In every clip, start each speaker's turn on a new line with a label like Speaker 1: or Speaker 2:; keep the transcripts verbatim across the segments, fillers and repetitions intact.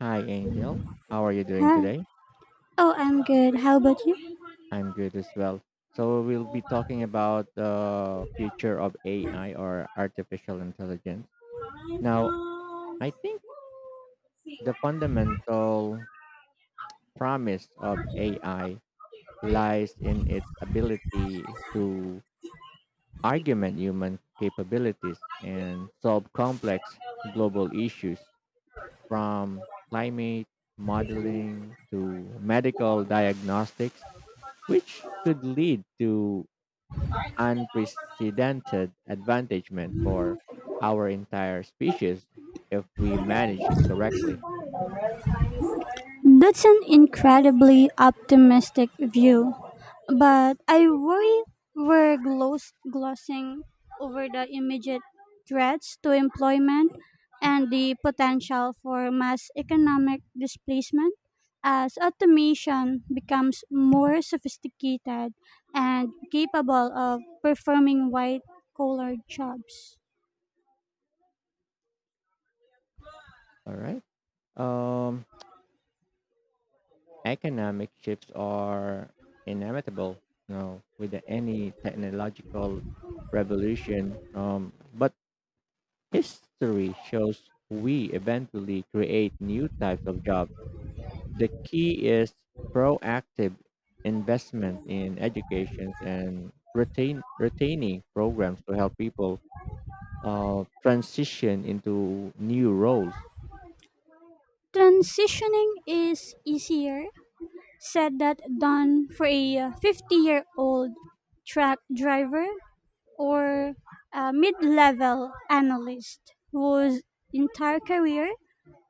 Speaker 1: Hi, Angel. How are you doing
Speaker 2: Hi.
Speaker 1: today?
Speaker 2: Oh, I'm good. How about you?
Speaker 1: I'm good as well. So, we'll be talking about the future of A I or artificial intelligence. Now, I think the fundamental promise of A I lies in its ability to augment human capabilities and solve complex global issues from climate modeling to medical diagnostics which could lead to unprecedented advantagement for our entire species if we manage it correctly.
Speaker 2: That's an incredibly optimistic view, but I worry we're gloss- glossing over the immediate threats to employment and the potential for mass economic displacement as automation becomes more sophisticated and capable of performing white collar jobs.
Speaker 1: All right. Um, economic shifts are inevitable, you know, with any technological revolution. Um, but history shows we eventually create new types of jobs. The key is proactive investment in education and retain retaining programs to help people uh, transition into new roles.
Speaker 2: Transitioning is easier said that done for a fifty year old truck driver or a mid level analyst whose entire career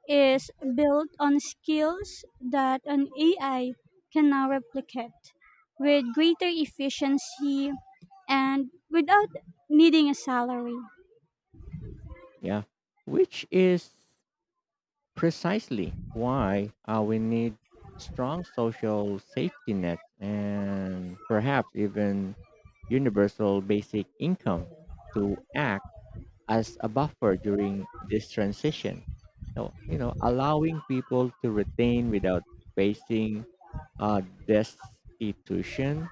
Speaker 2: is built on skills that an A I can now replicate with greater efficiency and without needing a salary.
Speaker 1: Yeah, which is precisely why uh, we need strong social safety nets and perhaps even universal basic income to act as a buffer during this transition. So, you know, allowing people to retain without facing uh, destitution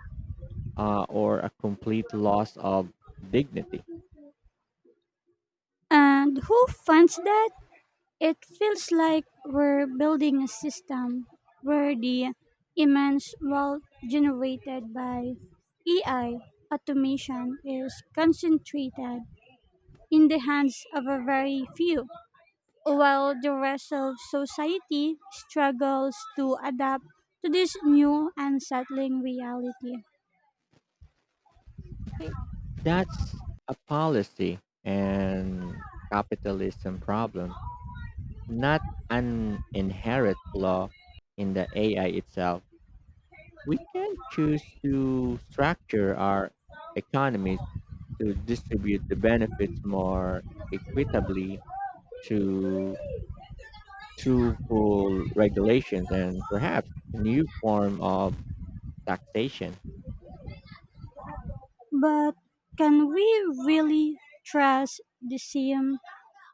Speaker 1: uh, or a complete loss of dignity.
Speaker 2: And who funds that? It feels like we're building a system where the immense wealth generated by A I automation is concentrated in the hands of a very few, while the rest of society struggles to adapt to this new and settling reality.
Speaker 1: Think That's a policy and capitalism problem, not an inherent flaw in the A I itself. We can choose to structure our economies to distribute the benefits more equitably to through full regulations and perhaps new form of taxation.
Speaker 2: But can we really trust the same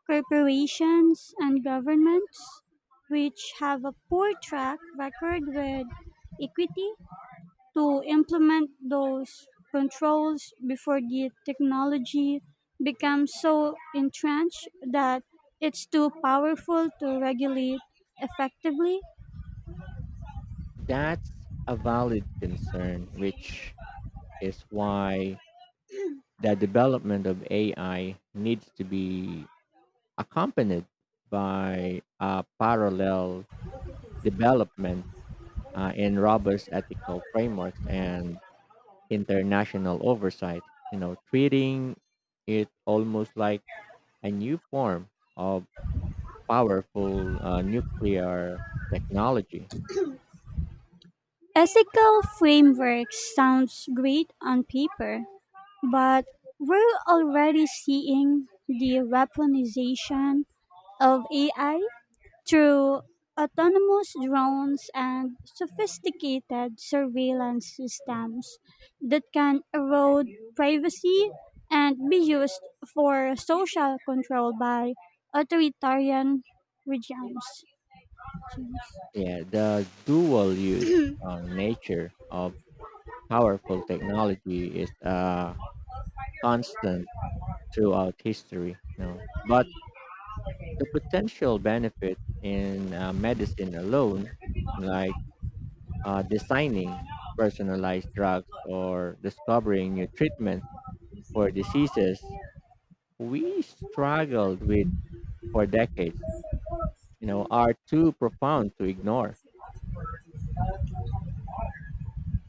Speaker 2: corporations and governments, which have a poor track record with equity, to implement those controls before the technology becomes so entrenched that it's too powerful to regulate effectively?
Speaker 1: That's a valid concern, which is why the development of A I needs to be accompanied by a parallel development uh, in robust ethical frameworks and international oversight. You know, treating it almost like a new form of powerful uh, nuclear technology.
Speaker 2: Ethical frameworks sounds great on paper, but we're already seeing the weaponization of A I through autonomous drones and sophisticated surveillance systems that can erode privacy and be used for social control by authoritarian regimes.
Speaker 1: Yeah, the dual use uh, nature of powerful technology is a constant throughout history. No, but the potential benefit in uh, medicine alone, like uh, designing personalized drugs or discovering new treatments for diseases we struggled with for decades, you know, are too profound to ignore.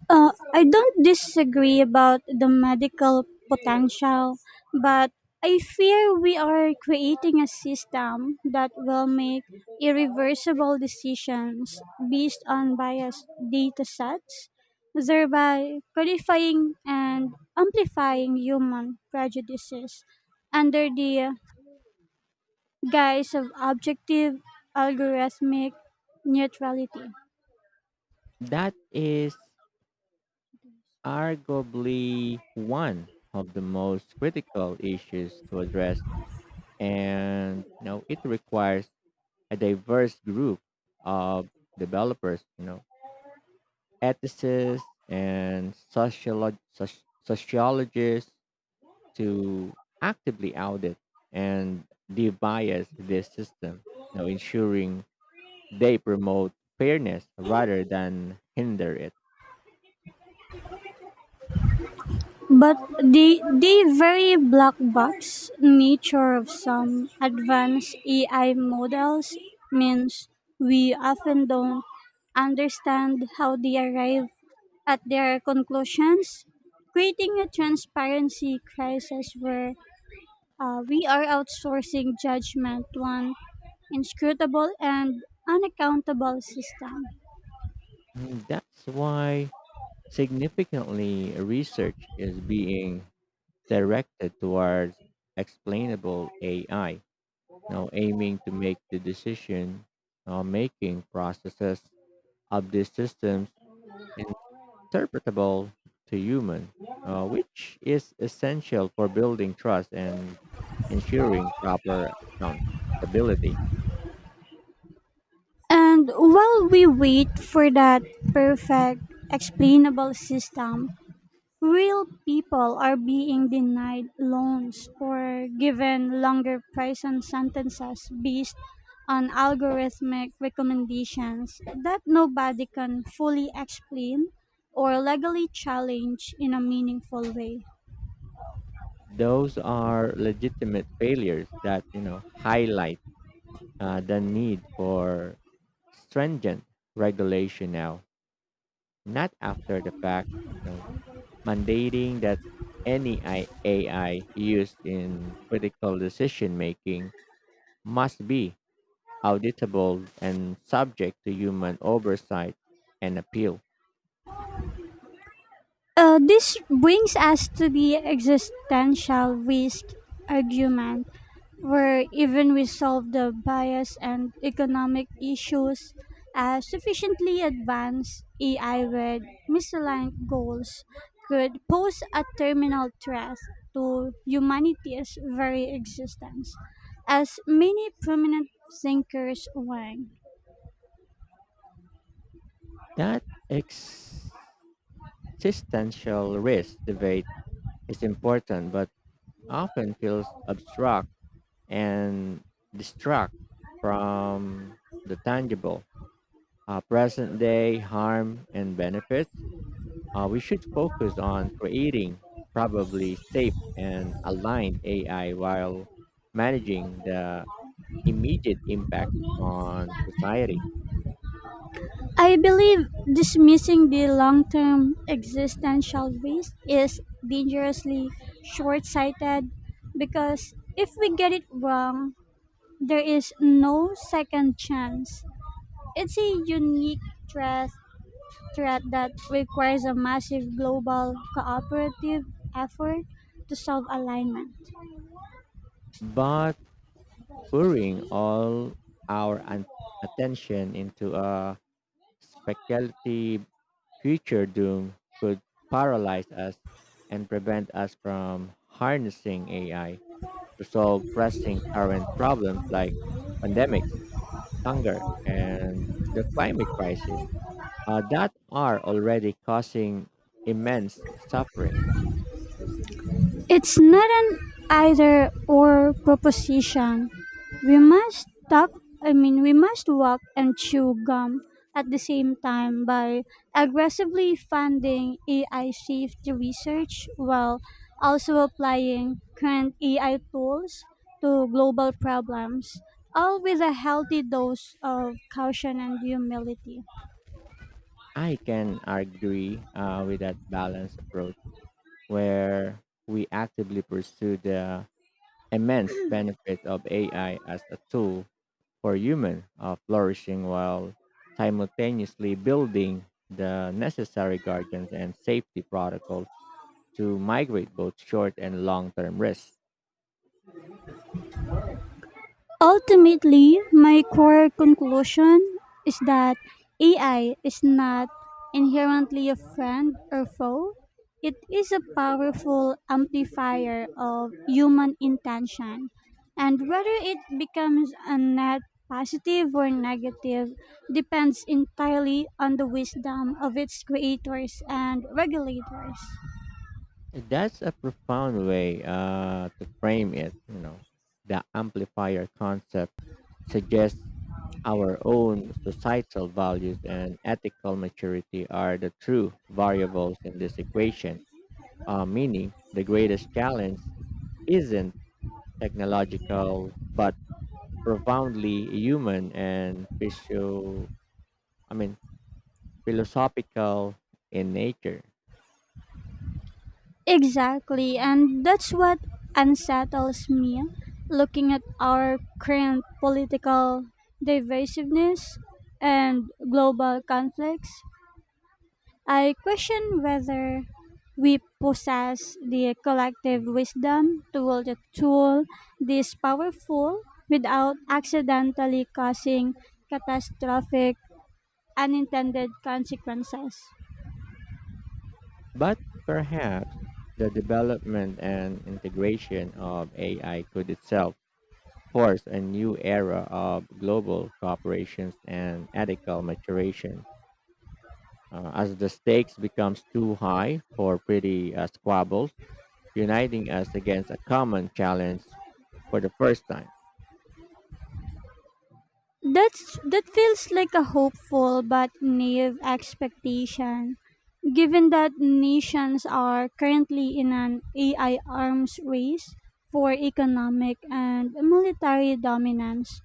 Speaker 2: Uh, I don't disagree about the medical potential, but I fear we are creating a system that will make irreversible decisions based on biased data sets, thereby codifying and amplifying human prejudices under the guise of objective algorithmic neutrality.
Speaker 1: That is arguably one of the most critical issues to address, and you know it requires a diverse group of developers, you know, ethicists and sociolo- soci- sociologists to actively audit and debias this system, you know, ensuring they promote fairness rather than hinder it.
Speaker 2: But the the very black box nature of some advanced A I models means we often don't understand how they arrive at their conclusions, creating a transparency crisis where uh, we are outsourcing judgment to an inscrutable and unaccountable system.
Speaker 1: And that's why significantly research is being directed towards explainable A I. Now, aiming to make the decision uh, making processes of these systems interpretable to human, uh, which is essential for building trust and ensuring proper accountability.
Speaker 2: And while we wait for that perfect, explainable system, real people are being denied loans or given longer prison sentences based on algorithmic recommendations that nobody can fully explain or legally challenge in a meaningful way.
Speaker 1: Those are legitimate failures that you know highlight uh, the need for stringent regulation now, not after the fact. You know, mandating that any I- A I used in critical decision making must be auditable and subject to human oversight and appeal.
Speaker 2: Uh, this brings us to the existential risk argument, where even we solve the bias and economic issues as sufficiently advanced A I with misaligned goals could pose a terminal threat to humanity's very existence, as many prominent thinkers warn.
Speaker 1: That existential risk debate is important but often feels abstract and distract from the tangible uh, present day harm and benefits. Uh, we should focus on creating probably safe and aligned A I while managing the immediate impact on society.
Speaker 2: I believe dismissing the long term existential risk is dangerously short sighted because if we get it wrong, there is no second chance. It's a unique threat, threat that requires a massive global cooperative effort to solve alignment.
Speaker 1: But pouring all our an- attention into a speculative future doom could paralyze us and prevent us from harnessing A I to solve pressing current problems like pandemics, hunger, and the climate crisis uh, that are already causing immense suffering.
Speaker 2: It's not an either or proposition. We must talk, I mean, We must walk and chew gum at the same time by aggressively funding A I safety research while also applying current A I tools to global problems, all with a healthy dose of caution and humility.
Speaker 1: I can agree uh, with that balanced approach where we actively pursue the immense benefit of A I as a tool for human uh, flourishing while simultaneously building the necessary guardians and safety protocols to migrate both short and long term risks.
Speaker 2: Ultimately, my core conclusion is that A I is not inherently a friend or foe. It is a powerful amplifier of human intention. And whether it becomes a net positive or negative depends entirely on the wisdom of its creators and regulators.
Speaker 1: That's a profound way uh, to frame it. You know, the amplifier concept suggests our own societal values and ethical maturity are the true variables in this equation. Uh, meaning, the greatest challenge isn't technological, but profoundly human and physio- I mean, philosophical in nature.
Speaker 2: Exactly, and that's what unsettles me. Looking at our current political divisiveness and global conflicts, I question whether we possess the collective wisdom to wield a tool this powerful without accidentally causing catastrophic unintended consequences.
Speaker 1: But perhaps the development and integration of A I could itself force a new era of global cooperations and ethical maturation. Uh, as the stakes becomes too high for pretty uh, squabbles, uniting us against a common challenge for the first time.
Speaker 2: That's that feels like a hopeful but naive expectation, given that nations are currently in an A I arms race for economic and military dominance,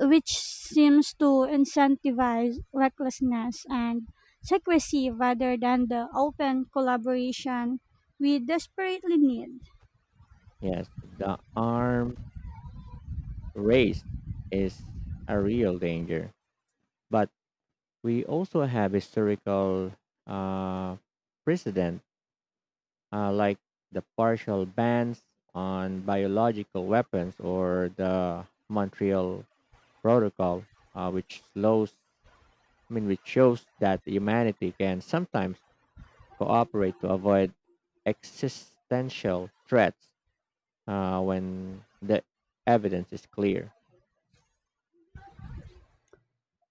Speaker 2: which seems to incentivize recklessness and secrecy rather than the open collaboration we desperately need.
Speaker 1: Yes, the arms race is a real danger, but we also have historical uh, precedent uh, like the partial bans on biological weapons or the Montreal Protocol, uh, which slows, I mean, which shows that humanity can sometimes cooperate to avoid existential threats uh, when the evidence is clear.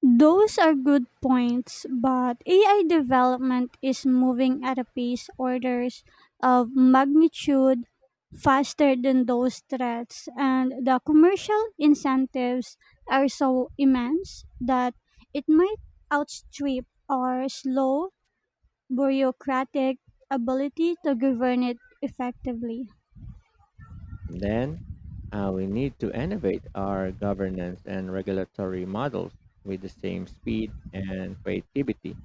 Speaker 2: Those are good points, but A I development is moving at a pace orders of magnitude faster than those threats, and the commercial incentives are so immense that it might outstrip our slow bureaucratic ability to govern it effectively.
Speaker 1: And then uh, we need to innovate our governance and regulatory models with the same speed and creativity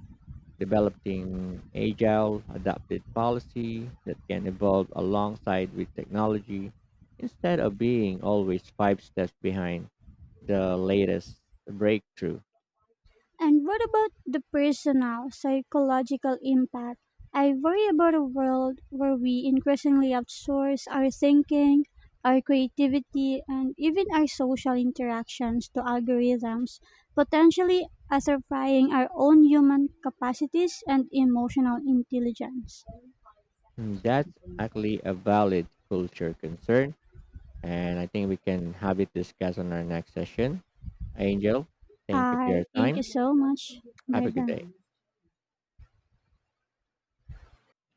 Speaker 1: developing agile, adaptive policy that can evolve alongside with technology instead of being always five steps behind the latest breakthrough.
Speaker 2: And what about the personal psychological impact? I worry about a world where we increasingly outsource our thinking, our creativity, and even our social interactions to algorithms, potentially atrophying our own human capacities and emotional intelligence.
Speaker 1: And That's actually a valid culture concern, and I think we can have it discussed on our next session. Angel, thank you for
Speaker 2: I
Speaker 1: your
Speaker 2: thank
Speaker 1: time.
Speaker 2: you so much.
Speaker 1: Have
Speaker 2: Bye
Speaker 1: a good
Speaker 2: bye.
Speaker 1: day.